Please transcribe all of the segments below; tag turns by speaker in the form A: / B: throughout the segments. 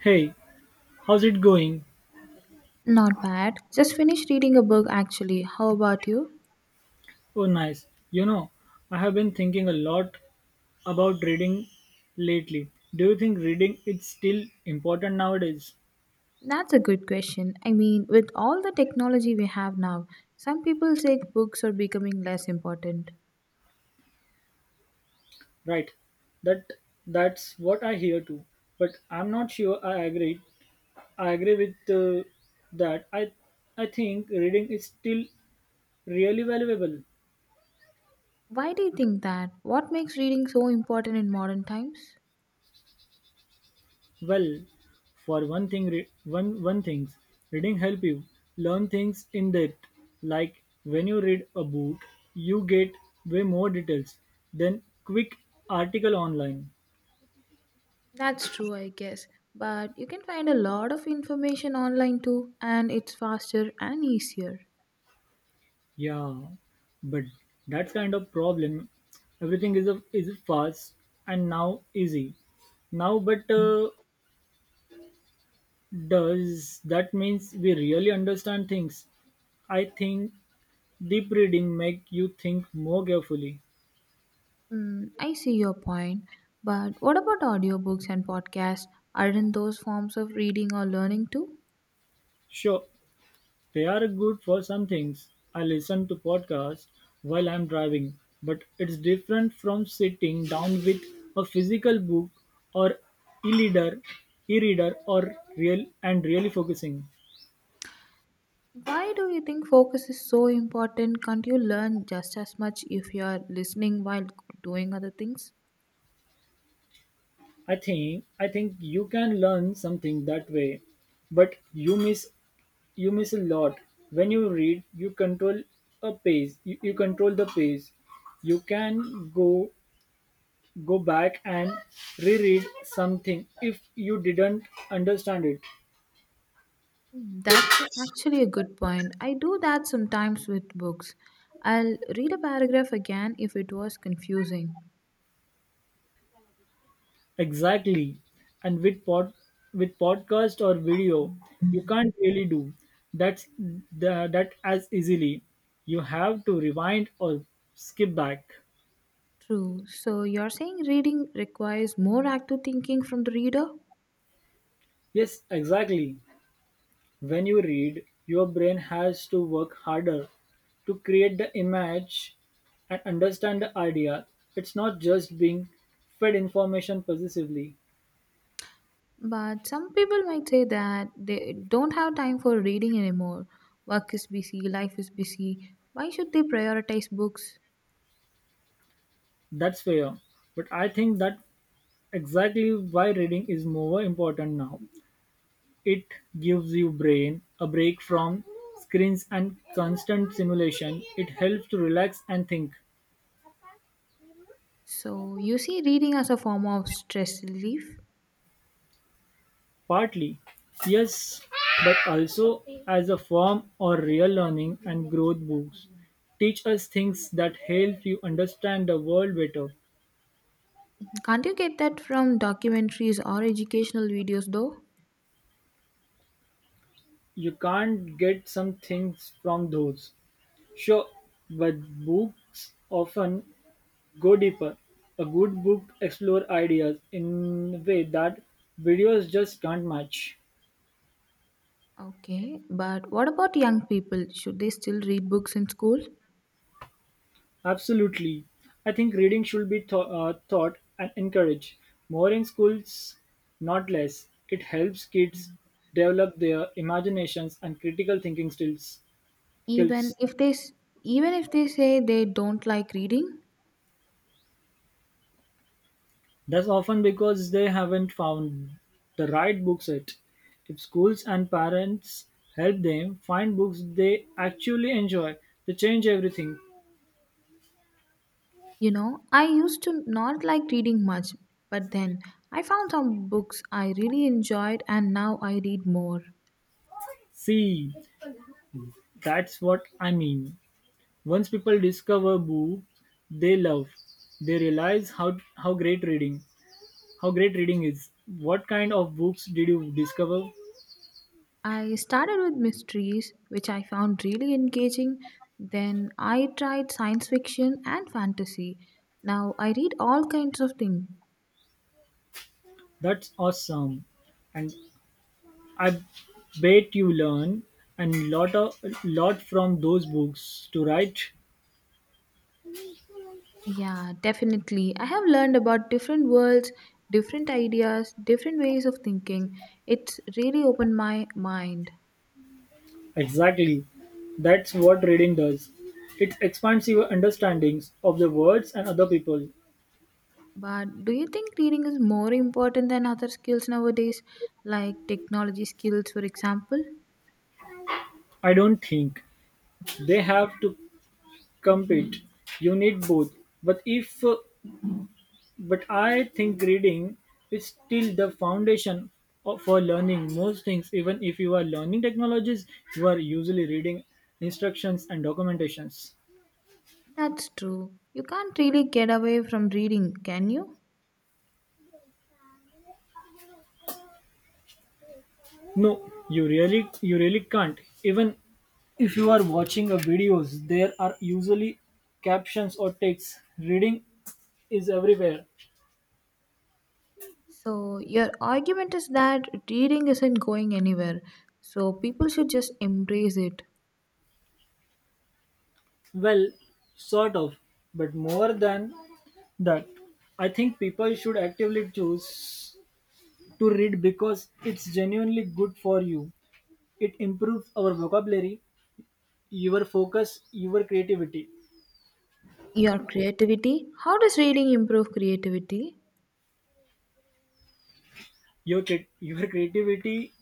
A: Hey, how's it going?
B: Not bad. Just finished reading a book actually. How about you?
A: Oh, nice. I have been thinking a lot about reading lately. Do you think reading is still important nowadays?
B: That's a good question. I mean, with all the technology we have now, some people say books are becoming less important.
A: Right. That that's what I hear too. But I'm not sure I agree. I agree with that. I think reading is still really valuable.
B: Why do you think that? What makes reading so important in modern times?
A: Well, for one thing, one things reading help you learn things in depth. Like when you read a book, you get way more details than quick article online.
B: That's true, I guess. But you can find a lot of information online too, and it's faster and easier.
A: Yeah, but that's kind of problem. Everything is fast and now easy. Now, but does that means we really understand things? I think deep reading make you think more carefully.
B: Hmm, I see your point. But what about audiobooks and podcasts? Aren't those forms of reading or learning too?
A: Sure, they're good for some things. I listen to podcasts while I'm driving, but it's different from sitting down with a physical book or e-reader, e-reader or really focusing.
B: Why do you think focus is so important? Can't you learn just as much if you are listening while doing other things?
A: I think you can learn something that way, but you miss a lot when you read you control the pace you can go back and reread something if you didn't understand it.
B: Hmm, that's actually a good point. I do that sometimes with books. I'll read a paragraph again if it was confusing.
A: Exactly. And with with podcast or video, you can't really do that as easily. You have to rewind or skip back.
B: True. So you're saying reading requires more active thinking from the reader?
A: Yes, exactly. When you read, your brain has to work harder to create the image and understand the idea. It's not just being fed information possessively.
B: But some people might say that they don't have time for reading anymore. Work is busy, life is busy. Why should they prioritize books?
A: That's fair, but I think that exactly why reading is more important now. It gives your brain a break from screens and constant simulation. It helps to relax and think.
B: So, you see reading as a form of stress relief?
A: Partly, yes, but also as a form or real learning and growth. Books teach us things that help you understand the world better.
B: Can't you get that from documentaries or educational videos though?
A: You can't get some things from those. Sure, but books often go deeper. A good book explores ideas in a way that videos just can't match.
B: Okay, but what about young people? Should they still read books in school?
A: Absolutely. I think reading should be taught and encouraged more in schools, not less. It helps kids develop their imaginations and critical thinking skills.
B: Even
A: skills.
B: if they s- Even if they say they don't like reading?
A: That's often because they haven't found the right books yet. If schools and parents help them find books they actually enjoy, they change everything.
B: I used to not like reading much, but then I found some books I really enjoyed and now I read more.
A: See, that's what I mean. Once people discover they love. They realize how great reading is. What kind of books did you discover?
B: I started with mysteries, which I found really engaging. Then I tried science fiction and fantasy. Now I read all kinds of things.
A: That's awesome, and I bet you learn and lot from those books to write.
B: Yeah, definitely. I have learned about different worlds, different ideas, different ways of thinking. It's really opened my mind.
A: Exactly, that's what reading does. It expands your understandings of the words and other people.
B: But do you think reading is more important than other skills nowadays, like technology skills, for example?
A: I don't think they have to compete, you need both. But if but I think reading is still the foundation for learning most things. Even if you are learning technologies, you are usually reading instructions and documentations.
B: That's true. You can't really get away from reading, can you?
A: No, you really can't. Even if you are watching a videos, there are usually captions or text. Reading is everywhere.
B: So, your argument is that reading isn't going anywhere, so people should just embrace it.
A: Well, sort of, but more than that I think people should actively choose to read because it's genuinely good for you. It improves our vocabulary, your focus, your creativity.
B: Your creativity? How does reading improve creativity?
A: Your creativity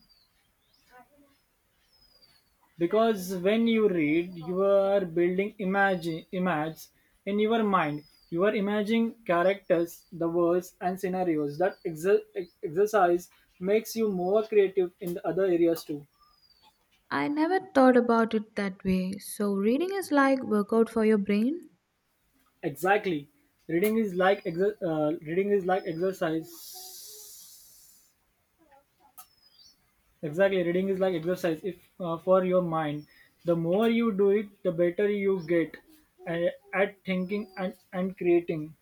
A: because when you read, you are building imagine images in your mind. You are imagining characters, the words, and scenarios. That exercise makes you more creative in the other areas too.
B: I never thought about it that way. So, reading is like workout for your brain?
A: Exactly. Reading is like exercise. Exactly, reading is like exercise. If for your mind, the more you do it, the better you get uh, at thinking and creating.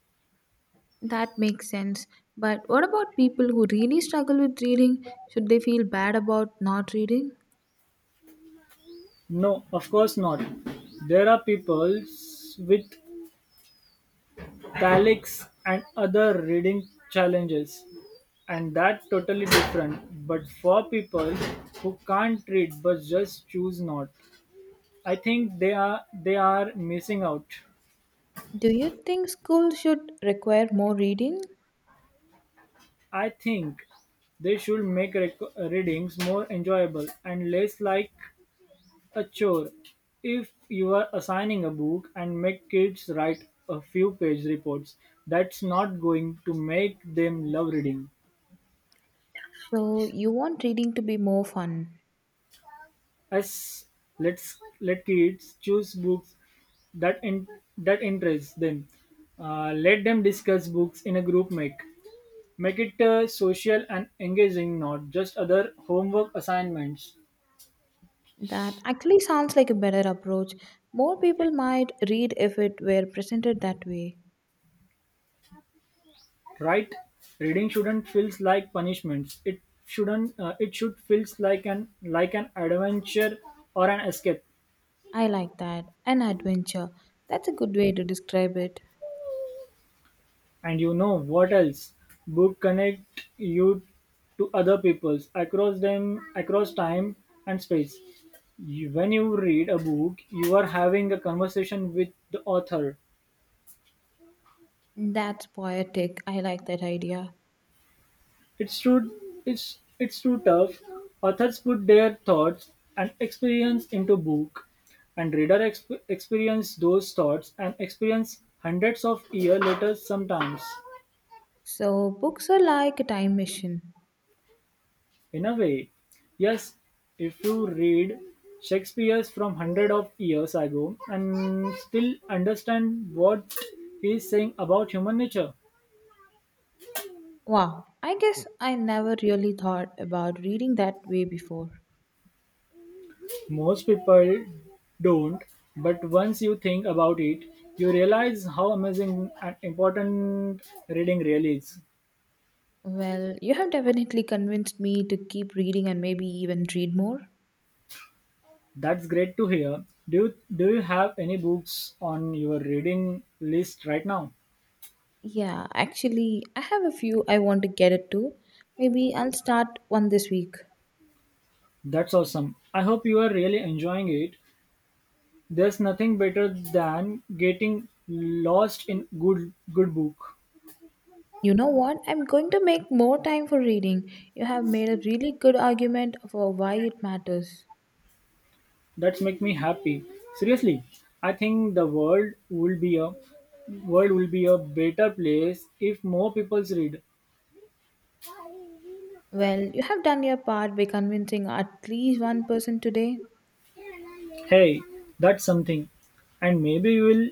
B: That makes sense. But what about people who really struggle with reading? Should they feel bad about not reading?
A: No, of course not. There are people with calics and other reading challenges, and that's totally different. But for people who can't read but just choose not. I think they are missing out.
B: Do you think school should require more reading?
A: I think they should make readings more enjoyable and less like a chore. If you are assigning a book and make kids write a few page reports, that's not going to make them love reading.
B: So, you want reading to be more fun?
A: As let's let kids choose books that in, that interest them. Let them discuss books in a group. Make it social and engaging, not just other homework assignments,
B: That actually sounds like a better approach. More people might read if it were presented that way.
A: right? Reading shouldn't feels like punishments. It shouldn't. It should feels like an adventure or an escape.
B: I like that. An adventure. That's a good way to describe it.
A: And you know what else? Book connect you to other peoples across time and space. When you read a book, you are having a conversation with the author.
B: That's poetic. I like that idea.
A: It's too it's too tough. Authors put their thoughts and experience into book, and reader experience those thoughts and experience hundreds of years later sometimes.
B: So, books are like a time machine.
A: In a way, yes, if you read Shakespeare's from hundred of years ago and still understand what he is saying about human nature.
B: Wow, I guess I never really thought about reading that way before.
A: Most people don't, but once you think about it, you realize how amazing and important reading really is.
B: Well, you have definitely convinced me to keep reading and maybe even read more.
A: That's great to hear. Do you have any books on your reading list right now?
B: Yeah, actually, I have a few I want to get it to. Maybe I'll start one this week.
A: That's awesome. I hope you are really enjoying it. There's nothing better than getting lost in good book.
B: You know what? I'm going to make more time for reading. You have made a really good argument for why it matters.
A: That's make me happy. Seriously, I think the world would be a world will be a better place if more people read.
B: Well, you have done your part by convincing at least one person today.
A: Hey, that's something. And maybe you will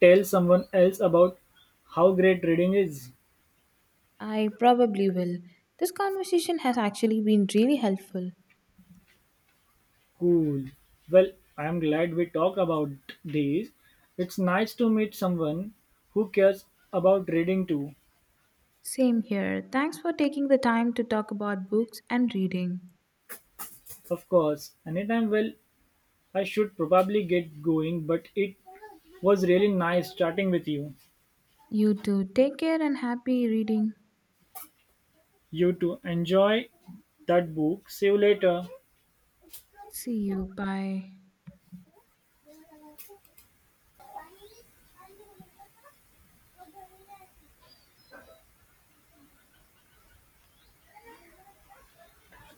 A: tell someone else about how great reading is.
B: I probably will. This conversation has actually been really helpful.
A: Cool. Well, I'm glad we talked about this. It's nice to meet someone who cares about reading too.
B: Same here. Thanks for taking the time to talk about books and reading.
A: Of course, anytime. Well, I should probably get going, but it was really nice chatting with you.
B: You too. Take care and happy reading.
A: You too. Enjoy that book. See you later.
B: See you. Bye.